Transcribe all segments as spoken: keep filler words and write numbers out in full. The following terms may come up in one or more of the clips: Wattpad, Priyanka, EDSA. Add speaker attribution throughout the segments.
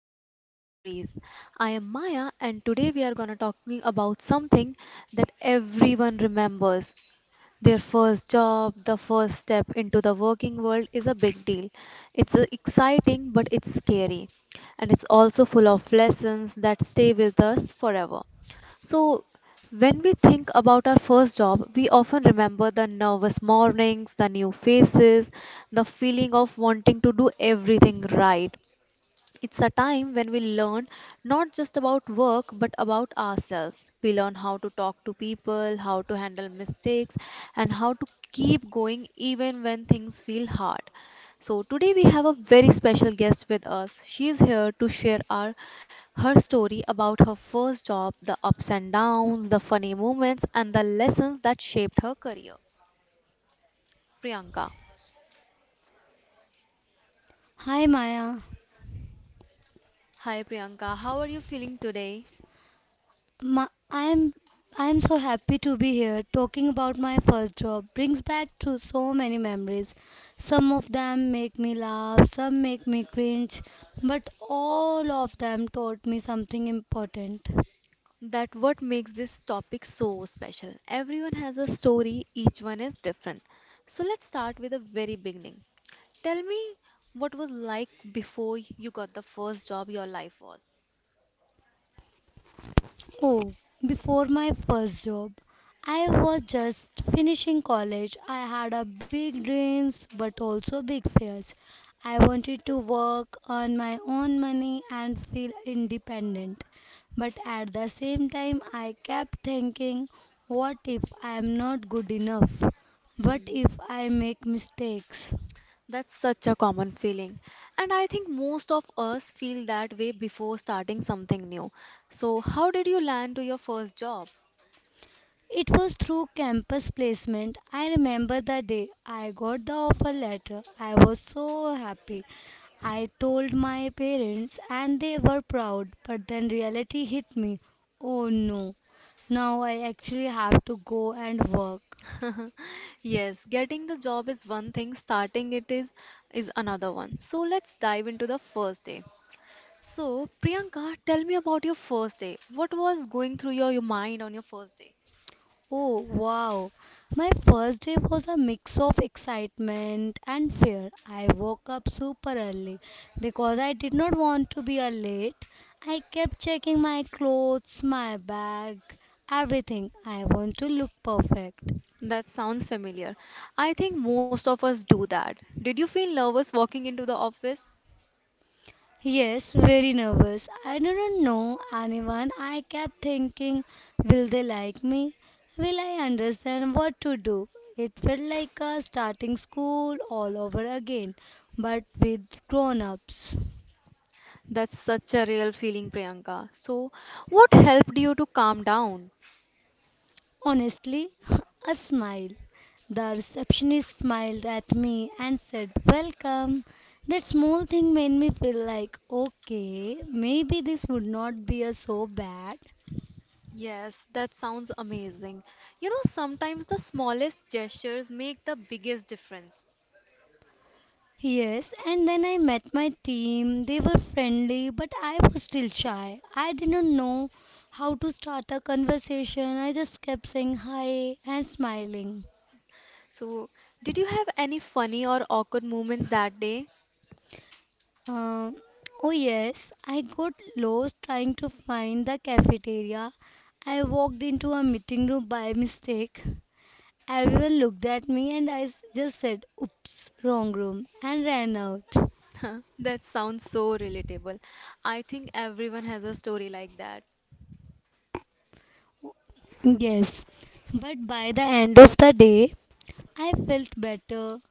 Speaker 1: first
Speaker 2: first
Speaker 1: job
Speaker 2: job store.
Speaker 1: stories. I
Speaker 2: I am
Speaker 1: am
Speaker 2: Anna,
Speaker 1: Maya
Speaker 2: and
Speaker 1: and today
Speaker 2: today
Speaker 1: we are going to talking
Speaker 2: we are going to talk
Speaker 1: about
Speaker 2: about something
Speaker 1: something
Speaker 2: that
Speaker 1: that
Speaker 2: everyone
Speaker 1: everyone
Speaker 2: remembers
Speaker 1: remembers. Their
Speaker 2: the
Speaker 1: first
Speaker 2: first
Speaker 1: job,
Speaker 2: job,
Speaker 1: the
Speaker 2: the
Speaker 1: first
Speaker 2: first
Speaker 1: step
Speaker 2: step
Speaker 1: into
Speaker 2: into
Speaker 1: the
Speaker 2: the
Speaker 1: working
Speaker 2: working
Speaker 1: world
Speaker 2: world is a
Speaker 1: is
Speaker 2: big
Speaker 1: a big
Speaker 2: deal.
Speaker 1: deal. It's uh,
Speaker 2: It's exciting,
Speaker 1: exciting but
Speaker 2: but
Speaker 1: it's
Speaker 2: it's
Speaker 1: scary
Speaker 2: scary.
Speaker 1: and it's
Speaker 2: And it's
Speaker 1: also
Speaker 2: also
Speaker 1: full
Speaker 2: full
Speaker 1: of
Speaker 2: of
Speaker 1: lessons
Speaker 2: lessons
Speaker 1: that
Speaker 2: that
Speaker 1: stay
Speaker 2: stay
Speaker 1: with
Speaker 2: with
Speaker 1: us
Speaker 2: us
Speaker 1: forever.
Speaker 2: forever. So,
Speaker 1: So when
Speaker 2: when
Speaker 1: we
Speaker 2: we
Speaker 1: think
Speaker 2: think
Speaker 1: about
Speaker 2: about
Speaker 1: our
Speaker 2: our
Speaker 1: first
Speaker 2: first
Speaker 1: job,
Speaker 2: job,
Speaker 1: we
Speaker 2: we
Speaker 1: often
Speaker 2: often
Speaker 1: remember
Speaker 2: remember
Speaker 1: the
Speaker 2: the
Speaker 1: nervous
Speaker 2: nervous
Speaker 1: mornings,
Speaker 2: mornings,
Speaker 1: the
Speaker 2: the
Speaker 1: new
Speaker 2: new
Speaker 1: faces,
Speaker 2: faces,
Speaker 1: the
Speaker 2: the
Speaker 1: feeling
Speaker 2: feeling
Speaker 1: of
Speaker 2: of wanting
Speaker 1: wanting to
Speaker 2: to do
Speaker 1: do
Speaker 2: everything right.
Speaker 1: everything right. It's a time when we learn not just about work but about ourselves. We learn how to talk to people, how to handle mistakes, and how to keep going even when things feel hard. So, today we have a very special guest with us. She is here to share our, her story about her first job, the ups and downs, the funny moments, and the lessons that shaped her career. Priyanka.
Speaker 2: Hi, Maya.
Speaker 1: Hi, Priyanka. How are you feeling today?
Speaker 2: My, I'm I'm so happy to be here. Talking about my first job brings back to so many memories. Some of them make me laugh, some make me cringe, but all of them taught me something important.
Speaker 1: That what makes this topic so special. Everyone has a story, each one is different. So let's start with the very beginning. Tell me what was like before you got the first job your life was.
Speaker 2: Oh, before my first job, I was just finishing college. I had a big dreams but also big fears. I wanted to work, earn my own money and feel independent. But at the same time, I kept thinking, what if I am not good enough? What
Speaker 1: Hmm.
Speaker 2: if I make mistakes?
Speaker 1: That's such a common feeling. And I think most of us feel that way before starting something new. So, how did you land to your first job?
Speaker 2: It was through campus placement. I remember the day I got the offer letter. I was so happy. I told my parents and they were proud, but then reality hit me. Oh no, now I actually have to go and work.
Speaker 1: Yes, getting the job is one thing, starting it is is another one. So, let's dive into the first day. So, Priyanka, tell me about your first day. What was going through your, your mind on your first day?
Speaker 2: Oh, wow. My first day was a mix of excitement and fear. I woke up super early because I did not want to be a late. I kept checking my clothes, my bag, everything. I want to look perfect.
Speaker 1: That sounds familiar. I think most of us do that. Did you feel nervous walking into the office?
Speaker 2: Yes, very nervous. I didn't know anyone. I kept thinking, will they like me? Will I understand what to do? It felt like a starting school all over again, but with grown ups.
Speaker 1: That's such a real feeling, Priyanka. So, what helped you to calm down?
Speaker 2: Honestly, a smile. The receptionist smiled at me and said, "Welcome." That small thing made me feel like, okay, maybe this would not be a so bad.
Speaker 1: Yes, that sounds amazing. You know, sometimes the smallest gestures make the biggest difference.
Speaker 2: Yes, and then I met my team. They were friendly, but I was still shy. I didn't know how to start a conversation. I just kept saying hi and smiling.
Speaker 1: So, did you have any funny or awkward moments that day?
Speaker 2: Um, oh, yes, I got lost trying to find the cafeteria. I walked into a meeting room by mistake. Everyone looked at me, and I s- just said, "Oops, wrong room," and ran out.
Speaker 1: That sounds so relatable. I think everyone has a story like that.
Speaker 2: Yes, but by the end of the day, I felt better.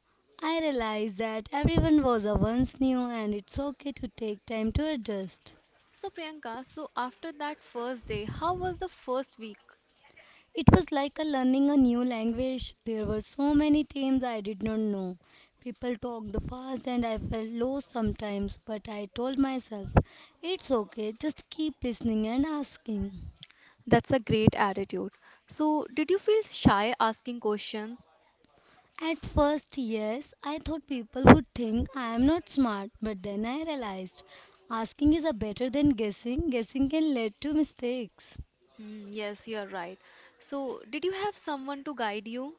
Speaker 2: I realized that everyone was a once new and it's okay to take time to adjust.
Speaker 1: So, Priyanka, so after that first day, how was the first week?
Speaker 2: It was like a learning a new language. There were so many terms I did not know. People talked fast and I felt lost sometimes, but I told myself, it's okay, just keep listening and asking.
Speaker 1: That's a great attitude. So, did you feel shy asking questions?
Speaker 2: At first, yes, I thought people would think I am not smart, but then I realized asking is a better than guessing. Guessing can lead to mistakes.
Speaker 1: Hmm, yes, you are right. So, did you have someone to guide you?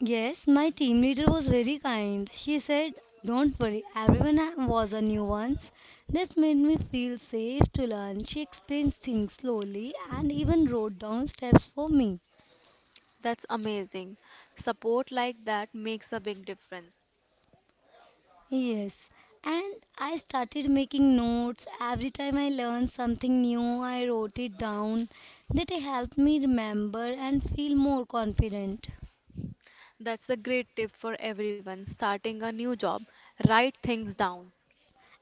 Speaker 2: Yes, my team leader was very kind. She said, "Don't worry, everyone ha- was a new once." This made me feel safe to learn. She explained things slowly and even wrote down steps for me.
Speaker 1: That's amazing. Support like that makes a big difference.
Speaker 2: Yes, and I started making notes. Every time I learned something new, I wrote it down. That helped me remember and feel more confident.
Speaker 1: That's a great tip for everyone starting a new job. Write things down.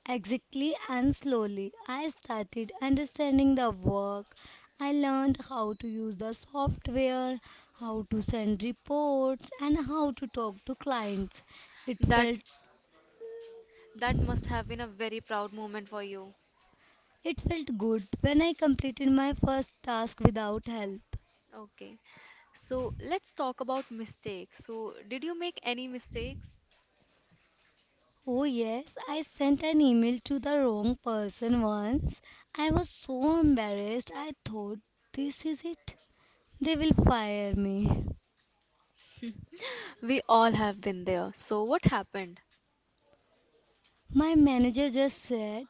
Speaker 2: Exactly and slowly, I started understanding the work. I learned how to use the software, how to send reports, and how to talk to clients. It
Speaker 1: That
Speaker 2: felt
Speaker 1: That must have been a very proud moment for you.
Speaker 2: it felt good when I completed my first task without help.
Speaker 1: Okay. So let's talk about mistakes. So, did you make any mistakes?
Speaker 2: Oh yes, I sent an email to the wrong person once. I was so embarrassed. I thought this is it. They will fire me.
Speaker 1: We all have been there. So, what happened?
Speaker 2: My manager just said,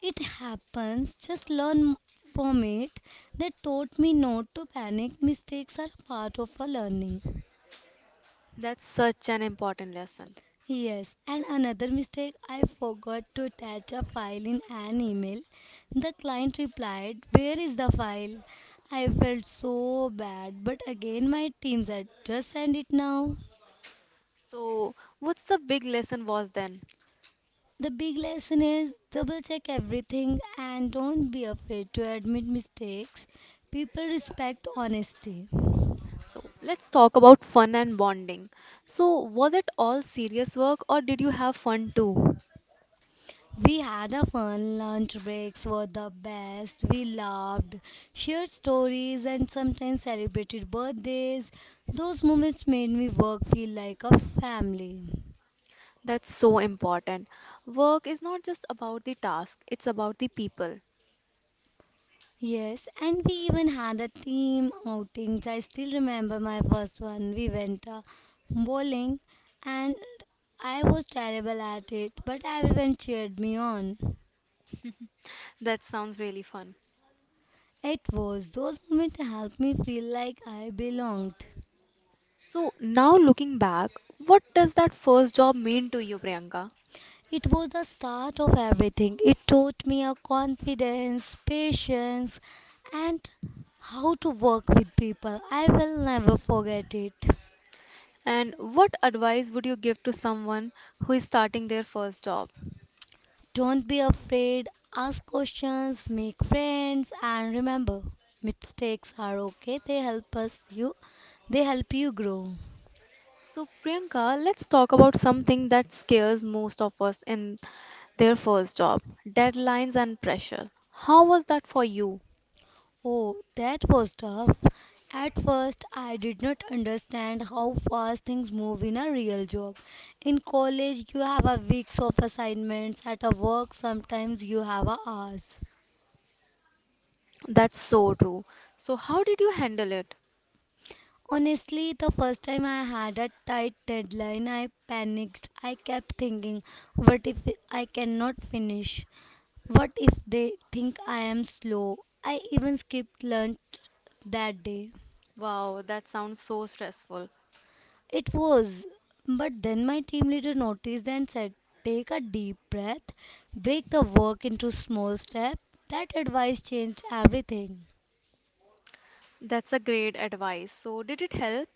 Speaker 2: "It happens, just learn from it." They taught me not to panic. Mistakes are a part of our learning.
Speaker 1: That's such an important lesson.
Speaker 2: Yes, and another mistake I forgot to attach a file in an email. The client replied, "Where is the file?" I felt so bad, but again, my team said, "Just send it now."
Speaker 1: So, what's the big lesson was then?
Speaker 2: The big lesson is double check everything and don't be afraid to admit mistakes. People respect honesty.
Speaker 1: So, let's talk about fun and bonding. So, was it all serious work or did you have fun too?
Speaker 2: We had a fun lunch breaks were the best. We laughed, shared stories and sometimes celebrated birthdays. Those moments made me work feel like a family.
Speaker 1: That's so important. Work is not just about the task, it's about the people.
Speaker 2: Yes, and we even had a team outings. I still remember my first one. We went uh, bowling and I was terrible at it, but everyone cheered me on.
Speaker 1: That sounds really fun.
Speaker 2: It was those moments helped me feel like I belonged.
Speaker 1: So now looking back, what does that first job mean to you, Priyanka?
Speaker 2: It was the start of everything. It taught me a confidence, patience, and how to work with people. I will never forget it.
Speaker 1: And what advice would you give to someone who is starting their first job?
Speaker 2: Don't be afraid, ask questions, make friends, and remember mistakes are okay. They help us you they help you grow.
Speaker 1: So Priyanka, let's talk about something that scares most of us in their first job, deadlines and pressure. How was that for you?
Speaker 2: Oh, that was tough. At first, I did not understand how fast things move in a real job. In college, you have a weeks of assignments. At a work, sometimes you have a hours.
Speaker 1: That's so true. So how did you handle it?
Speaker 2: Honestly, the first time I had a tight deadline, I panicked. I kept thinking, what if I cannot finish? What if they think I am slow? I even skipped lunch that day.
Speaker 1: Wow, that sounds so stressful.
Speaker 2: It was. But then my team leader noticed and said, "Take a deep breath, break the work into small steps." That advice changed everything.
Speaker 1: That's a great advice. So did it help?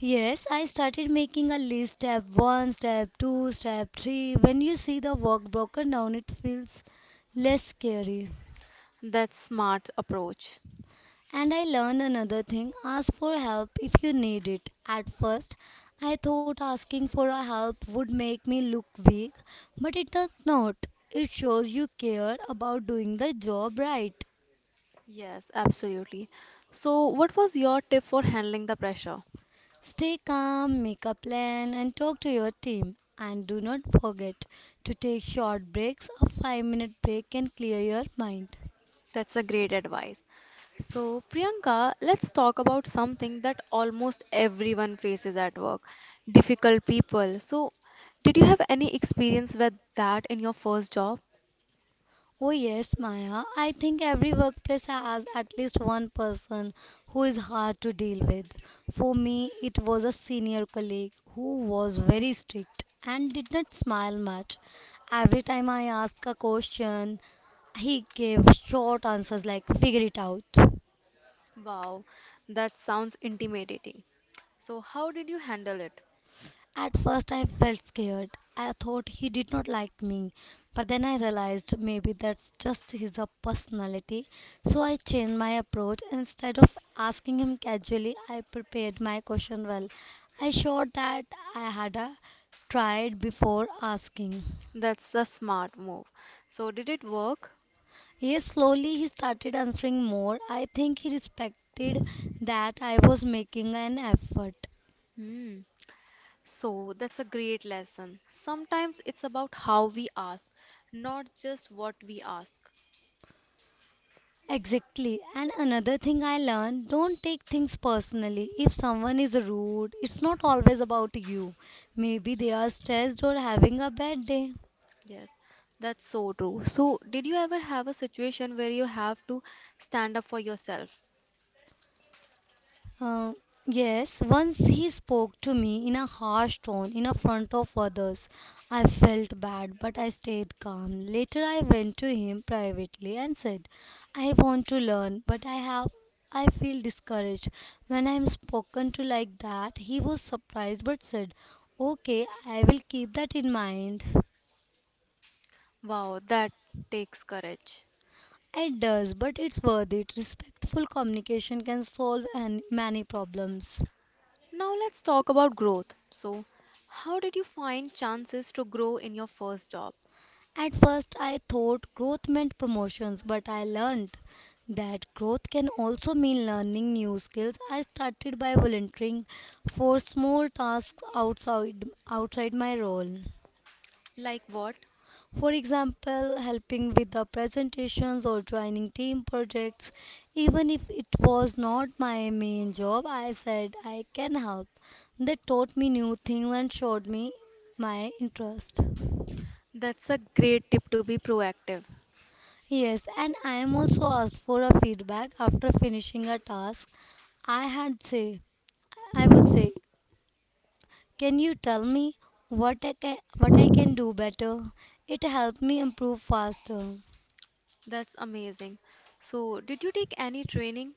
Speaker 2: Yes, I started making a list step one, step two, step three. When you see the work broken down, it feels less scary.
Speaker 1: That's smart approach.
Speaker 2: And I learned another thing ask for help if you need it. At first, I thought asking for a help would make me look weak, but it does not. It shows you care about doing the job right.
Speaker 1: Yes, absolutely. So, what was your tip for handling the pressure?
Speaker 2: Stay calm, make a plan, and talk to your team. And do not forget to take short breaks. A 5 minute break can clear your mind.
Speaker 1: That's a great advice. So, Priyanka, let's talk about something that almost everyone faces at work, difficult people. So, did you have any experience with that in your first job?
Speaker 2: Oh, yes, Maya. I think every workplace has at least one person who is hard to deal with. For me, it was a senior colleague who was very strict and did not smile much. Every time I asked a question, he gave short answers like, "Figure it out."
Speaker 1: Wow, that sounds intimidating. So, how did you handle it?
Speaker 2: At first, I felt scared. I thought he did not like me, but then I realized maybe that's just his uh, personality. So I changed my approach. Instead of asking him casually, I prepared my question well. I showed that I had uh, tried before asking.
Speaker 1: That's a smart move. So, did it work?
Speaker 2: Yes, slowly he started answering more. I think he respected that I was making an effort.
Speaker 1: Hmm. So that's a great lesson. Sometimes it's about how we ask, not just what we ask.
Speaker 2: Exactly. And another thing I learned don't take things personally. If someone is rude, it's not always about you. Maybe they are stressed or having a bad day.
Speaker 1: Yes, that's so true. So, did you ever have a situation where you have to stand up for yourself?
Speaker 2: Uh, yes, once he spoke to me in a harsh tone in a front of others. I felt bad, but I stayed calm. Later, I went to him privately and said, "I want to learn, but I have. I feel discouraged. When I am spoken to like that," he was surprised but said, "Okay, I will keep that in mind."
Speaker 1: Wow, that takes courage.
Speaker 2: It does, but it's worth it. Respectful communication can solve an- many problems.
Speaker 1: Now, let's talk about growth. So, how did you find chances to grow in your first job?
Speaker 2: At first, I thought growth meant promotions, but I learned that growth can also mean learning new skills. I started by volunteering for small tasks outside outside my role.
Speaker 1: Like what?
Speaker 2: For example, helping with the presentations or joining team projects. Even if it was not my main job, I said I can help. That taught me new things and showed me my interest.
Speaker 1: That's a great tip to be proactive.
Speaker 2: Yes, and I am also asked for a feedback after finishing a task. I had say, I would say, can you tell me what I can what I can do better? It helped me improve faster.
Speaker 1: That's amazing. So, did you take any training?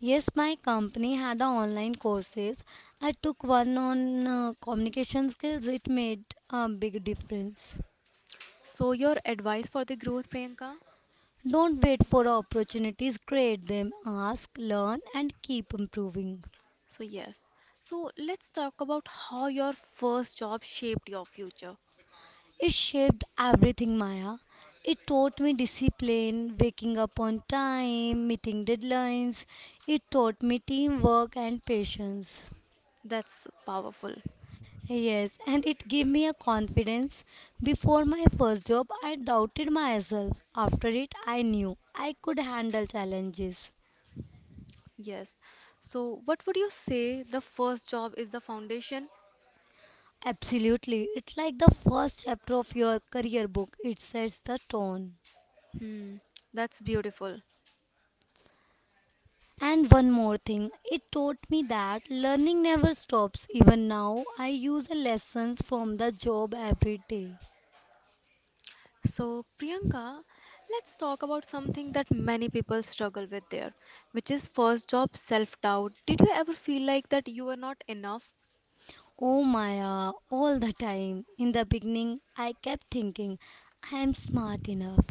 Speaker 2: Yes, my company had a online courses. I took one on uh, communication skills. It made a big difference.
Speaker 1: So, your advice for the growth, Priyanka?
Speaker 2: Don't wait for opportunities, create them, ask, learn, and keep improving.
Speaker 1: So, yes. So, let's talk about how your first job shaped your future.
Speaker 2: It shaped everything, Maya. It taught me discipline, waking up on time, meeting deadlines. It taught me teamwork and patience.
Speaker 1: That's powerful.
Speaker 2: Yes, and it gave me a confidence. Before my first job, I doubted myself. After it, I knew I could handle challenges.
Speaker 1: Yes. So, what would you say the first job is the foundation?
Speaker 2: Absolutely. It's like the first chapter of your career book. It sets the tone.
Speaker 1: Hmm, that's beautiful.
Speaker 2: And one more thing, it taught me that learning never stops. Even now, I use the lessons from the job every day.
Speaker 1: So, Priyanka, let's talk about something that many people struggle with there, which is first job self-doubt. Did you ever feel like that you were not enough?
Speaker 2: Oh Maya, all the time. In the beginning, I kept thinking, I am smart enough.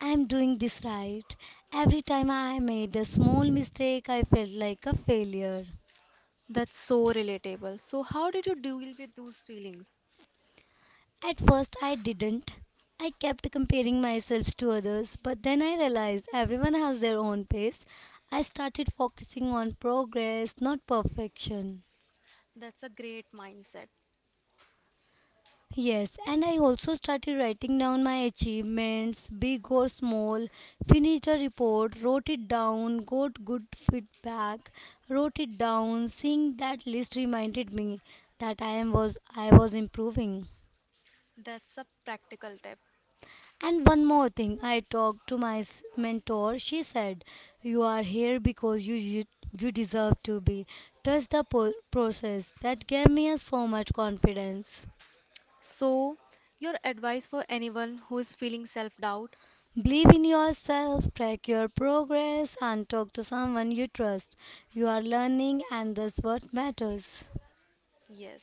Speaker 2: I am doing this right. Every time I made a small mistake, I felt like a failure.
Speaker 1: That's so relatable. So, how did you deal with those feelings?
Speaker 2: At first, I didn't. I kept comparing myself to others, but then I realized everyone has their own pace. I started focusing on progress, not perfection.
Speaker 1: That's a great mindset.
Speaker 2: Yes, and I also started writing down my achievements, big or small, finished a report, wrote it down, got good feedback, wrote it down. Seeing that list reminded me that I am was I was improving.
Speaker 1: That's a practical tip.
Speaker 2: And one more thing, I talked to my s- mentor. She said, "You are here because you, you, you deserve to be. Trust the po- process." That gave me a so much confidence.
Speaker 1: So, your advice for anyone who is feeling self-doubt?
Speaker 2: Believe in yourself, track your progress, and talk to someone you trust. You are learning, and that's what matters.
Speaker 1: Yes.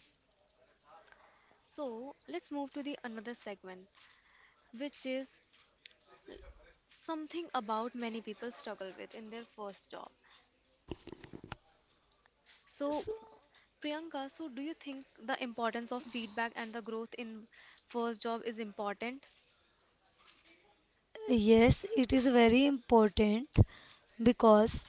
Speaker 1: So, let's move to the another segment, which is something about many people struggle with in their first job. So,
Speaker 2: So,
Speaker 1: Priyanka, so do you think the importance of feedback and the growth in first job is important?
Speaker 2: yes, it is very important because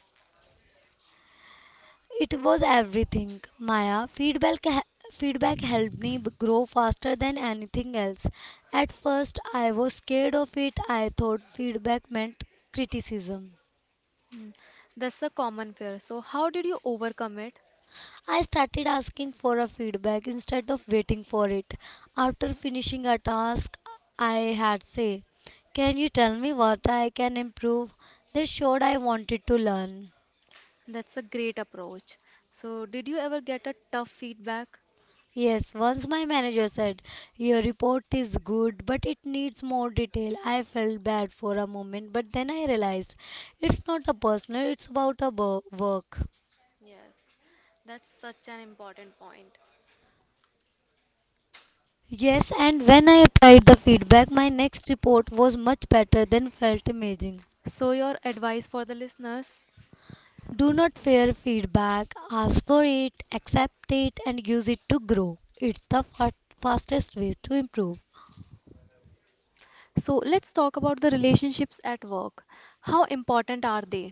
Speaker 2: it was everything, Maya. Feedback feedback helped me b- grow faster than anything else. At first, I was scared of it. I thought feedback meant criticism.
Speaker 1: Hmm, that's a common fear. So, how did you overcome it?
Speaker 2: I started asking for a feedback instead of waiting for it. After finishing a task, I had say, "Can you tell me what I can improve?" This showed I wanted to learn.
Speaker 1: That's a great approach. So, did you ever get a tough feedback?
Speaker 2: Yes, once my manager said, "Your report is good, but it needs more detail." I felt bad for a moment, but then I realized it's not a personal, it's about a wo- work.
Speaker 1: Yes, that's such an important point.
Speaker 2: Yes, and when I applied the feedback, my next report was much better than felt amazing.
Speaker 1: So, your advice for the listeners.
Speaker 2: Do not fear feedback, ask for it, accept it, and use it to grow. It's the fa- fastest way to improve.
Speaker 1: So, let's talk about the relationships at work. How important are they?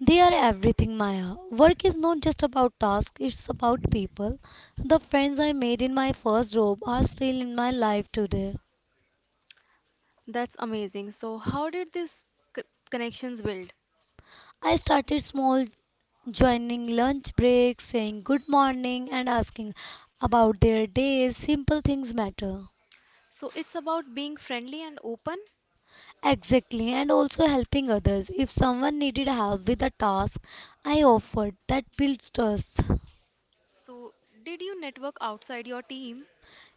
Speaker 2: They are everything, Maya. Work is not just about tasks, it's about people. The friends I made in my first job are still in my life today.
Speaker 1: That's amazing. So, how did these c- connections build?
Speaker 2: I started small, joining lunch breaks, saying good morning, and asking about their days. Simple things matter.
Speaker 1: So, it's about being friendly and open.
Speaker 2: Exactly, and also helping others. If someone needed help with a task, I offered. That builds trust.
Speaker 1: So, did you network outside your team?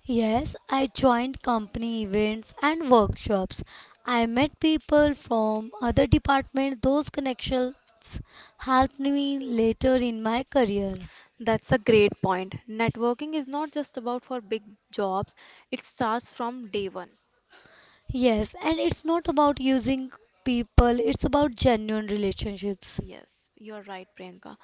Speaker 2: Yes, I joined company events and workshops. I met people from other departments. Those connections helped me later in my career.
Speaker 1: That's a great point. Networking is not just about for big jobs, it starts from day one.
Speaker 2: Yes, and it's not about using people, it's about genuine relationships.
Speaker 1: Yes, you're right, Priyanka.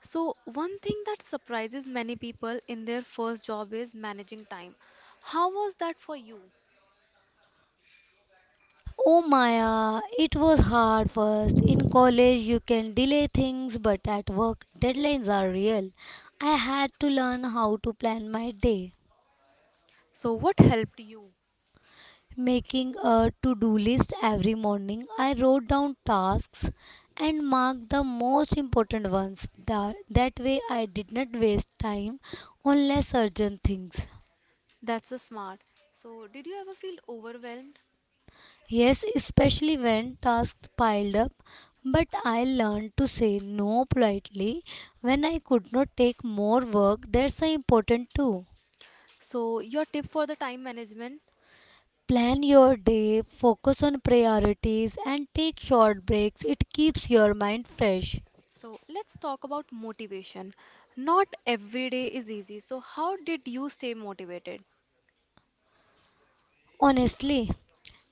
Speaker 1: So, one thing that surprises many people in their first job is managing time. How was that for you?
Speaker 2: Oh Maya, it was hard first. In college, you can delay things, but at work, deadlines are real. I had to learn how to plan my day,
Speaker 1: So, what helped you?
Speaker 2: making a to do list every morning. I wrote down tasks and marked the most important ones. That, that way, I did not waste time on less urgent things.
Speaker 1: That's a smart. So, did you ever feel overwhelmed?
Speaker 2: Yes, especially when tasks piled up, but I learned to say no politely when I could not take more work. That's uh, important too.
Speaker 1: So, your tip for the time management.
Speaker 2: Plan your day, focus on priorities, and take short breaks. It keeps your mind fresh.
Speaker 1: So, let's talk about motivation. Not every day is easy. So, how did you stay motivated?
Speaker 2: Honestly,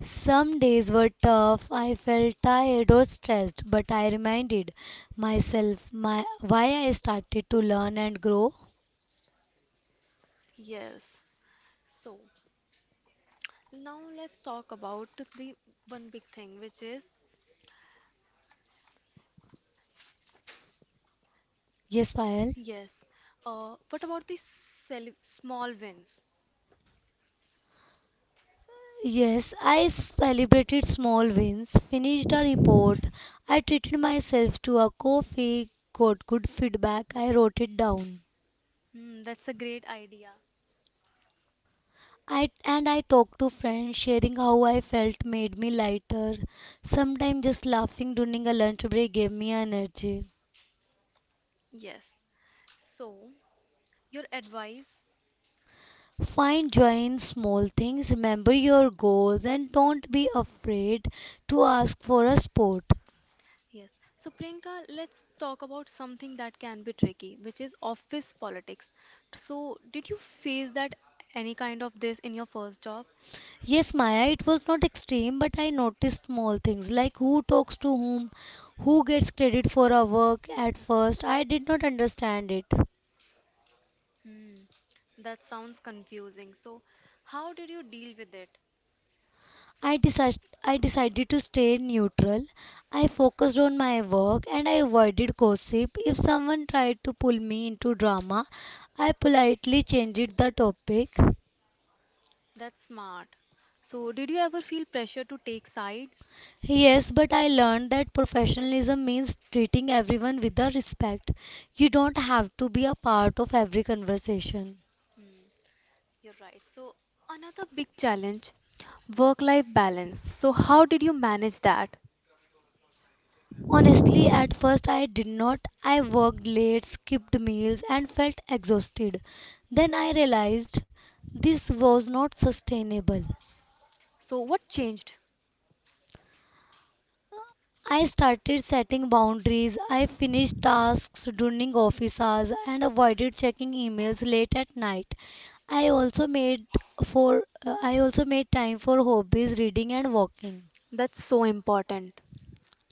Speaker 2: some days were tough. I felt tired or stressed, but I reminded myself my why I started to learn and grow.
Speaker 1: Yes. So, now let's talk about the one big thing, which is
Speaker 2: Yes, Payal.
Speaker 1: yes. Uh, what about the cel small wins?
Speaker 2: Yes, I celebrated small wins, finished a report. I treated myself to a coffee, got good feedback. I wrote it down.
Speaker 1: Hmm, that's a great idea.
Speaker 2: I and I talked to friends, sharing how I felt made me lighter. Sometimes just laughing during a lunch break gave me energy.
Speaker 1: Yes. So, your advice?
Speaker 2: Find joy in small things, remember your goals, and don't be afraid to ask for a support.
Speaker 1: Yes. So, Priyanka, let's talk about something that can be tricky, which is office politics. So, did you face that any kind of this in your first job?
Speaker 2: Yes, Maya, it was not extreme, but I noticed small things like who talks to whom, who gets credit for our work at first. I did not understand it.
Speaker 1: Hmm, that sounds confusing. So, how did you deal with it?
Speaker 2: I, decided I decided to stay neutral. I focused on my work and I avoided gossip. If someone tried to pull me into drama, I politely changed the topic.
Speaker 1: That's smart. So, did you ever feel pressure to take sides?
Speaker 2: Yes, but I learned that professionalism means treating everyone with the respect. You don't have to be a part of every conversation.
Speaker 1: Hmm. You're right. So, another big challenge, work life balance. So, how did you manage that?
Speaker 2: Honestly, at first I did not. I worked late, skipped meals, and felt exhausted. Then I realized this was not sustainable.
Speaker 1: So, what changed?
Speaker 2: I started setting boundaries. I finished tasks during office hours and avoided checking emails late at night. I also made for uh, I also made time for hobbies, reading and walking.
Speaker 1: That's so important.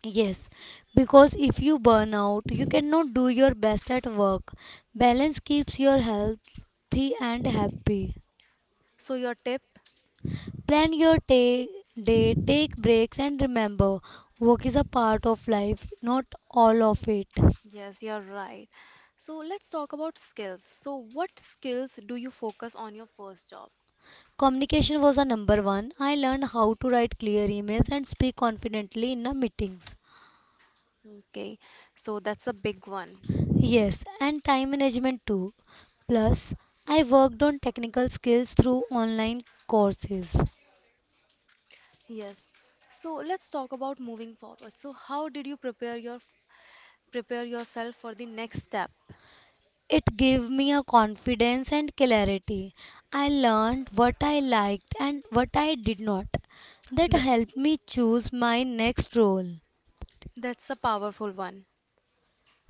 Speaker 2: Yes, because if you burn out, you cannot do your best at work. Balance keeps your healthy and happy.
Speaker 1: So, your tip?
Speaker 2: Plan your ta- day, take breaks and remember, work is a part of life, not all of it.
Speaker 1: Yes, you're right. So, let's talk about skills. So, what skills do you focus on your first job?
Speaker 2: Communication was a number one. I learned how to write clear emails and speak confidently in the meetings.
Speaker 1: Okay, so that's a big one.
Speaker 2: Yes, and time management too. Plus, I worked on technical skills through online courses.
Speaker 1: Yes. So, let's talk about moving forward. So, how did you prepare your prepare yourself for the next step?
Speaker 2: It gave me a confidence and clarity. I learned what I liked and what I did not. That
Speaker 1: The,
Speaker 2: helped me choose my next role.
Speaker 1: that's a powerful one.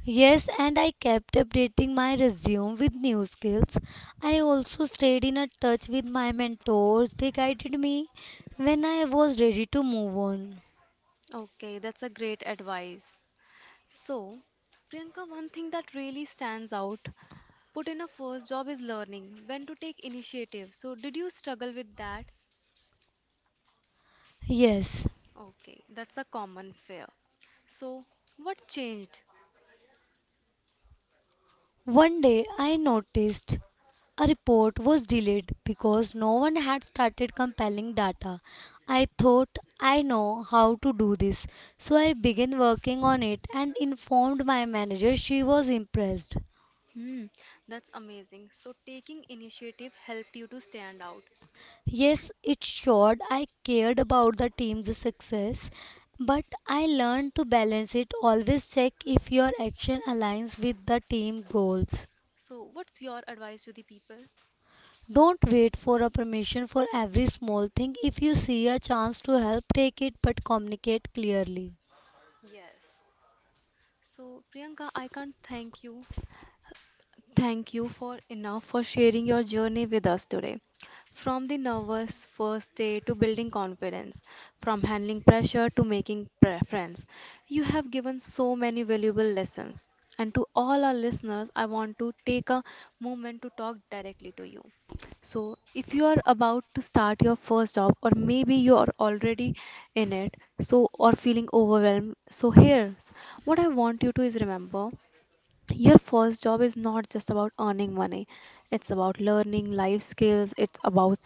Speaker 2: Yes, and I kept updating my resume with new skills. I also stayed in a touch with my mentors. They guided me when I was ready to move on.
Speaker 1: Okay, that's a great advice. So, Priyanka, one thing that really stands out put in a first job is learning when to take initiative. So, did you struggle with that?
Speaker 2: Yes,
Speaker 1: Okay, that's a common fear. So, what changed?
Speaker 2: one day I noticed a report was delayed because no one had started compiling data. I thought I know how to do this, so I began working on it and informed my manager. She was impressed.
Speaker 1: Hmm, that's amazing. So, taking initiative helped you to stand out.
Speaker 2: Yes, it showed I cared about the team's success, but I learned to balance it. Always check if your action aligns with the team goals.
Speaker 1: So, what's your advice to the people?
Speaker 2: Don't wait for a permission for every small thing. If you see a chance to help, take it but communicate clearly.
Speaker 1: Yes. So, Priyanka, I can't thank you Thank you for enough for sharing your journey with us today. From the nervous first day to building confidence, from handling pressure to making pre- friends, you have given so many valuable lessons. And to all our listeners, I want to take a moment to talk directly to you. So, if you are about to start your first job, or maybe you are already in it, so or feeling overwhelmed, so here's what I want you to is remember your first job is not just about earning money. It's about learning life skills. It's about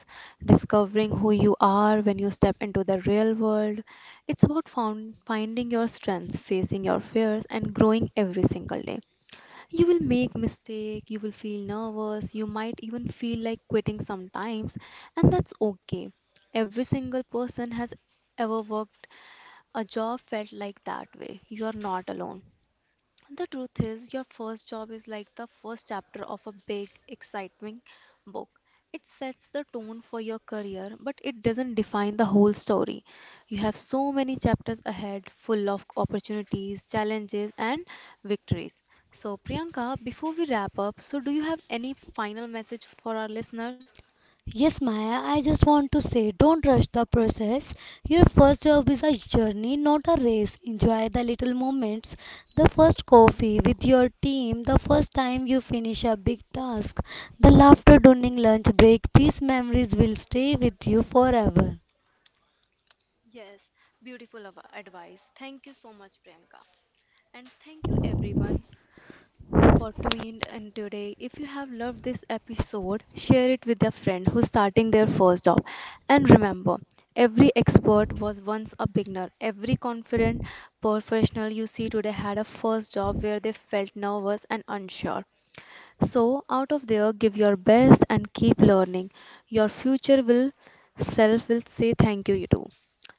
Speaker 1: discovering who you are when you step into the real world. It's about found, finding your strengths, facing your fears, and growing every single day. You will make mistake, you will feel nervous, you might even feel like quitting sometimes, and that's okay. Every single person has ever worked a job felt like that way. You are not alone. The truth is, your first job is like the first chapter of a big, exciting book. It sets the tone for your career, but it doesn't define the whole story. You have so many chapters ahead, full of opportunities, challenges, and victories. So, Priyanka, before we wrap up, so do you have any final message for our listeners?
Speaker 2: Yes, Maya, I just want to say don't rush the process. Your first job is a journey, not a race. Enjoy the little moments, the first coffee with your team, the first time you finish a big task, the laughter during lunch break. These memories will stay with you forever.
Speaker 1: Yes, beautiful av- advice. Thank you so much, Priyanka. And thank you, everyone, for tuned in today. If you have loved this episode, share it with a friend who's starting their first job. And remember, every expert was once a beginner. Every confident professional you see today had a first job where they felt nervous and unsure. So, out of there, give your best and keep learning. Your future will self will say thank you, you do.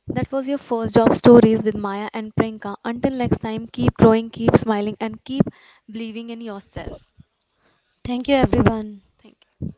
Speaker 1: That was your first job stories with Maya and Priyanka. Until next time, keep growing, keep smiling, and keep believing in yourself.
Speaker 2: Thank you, everyone.
Speaker 1: Thank you.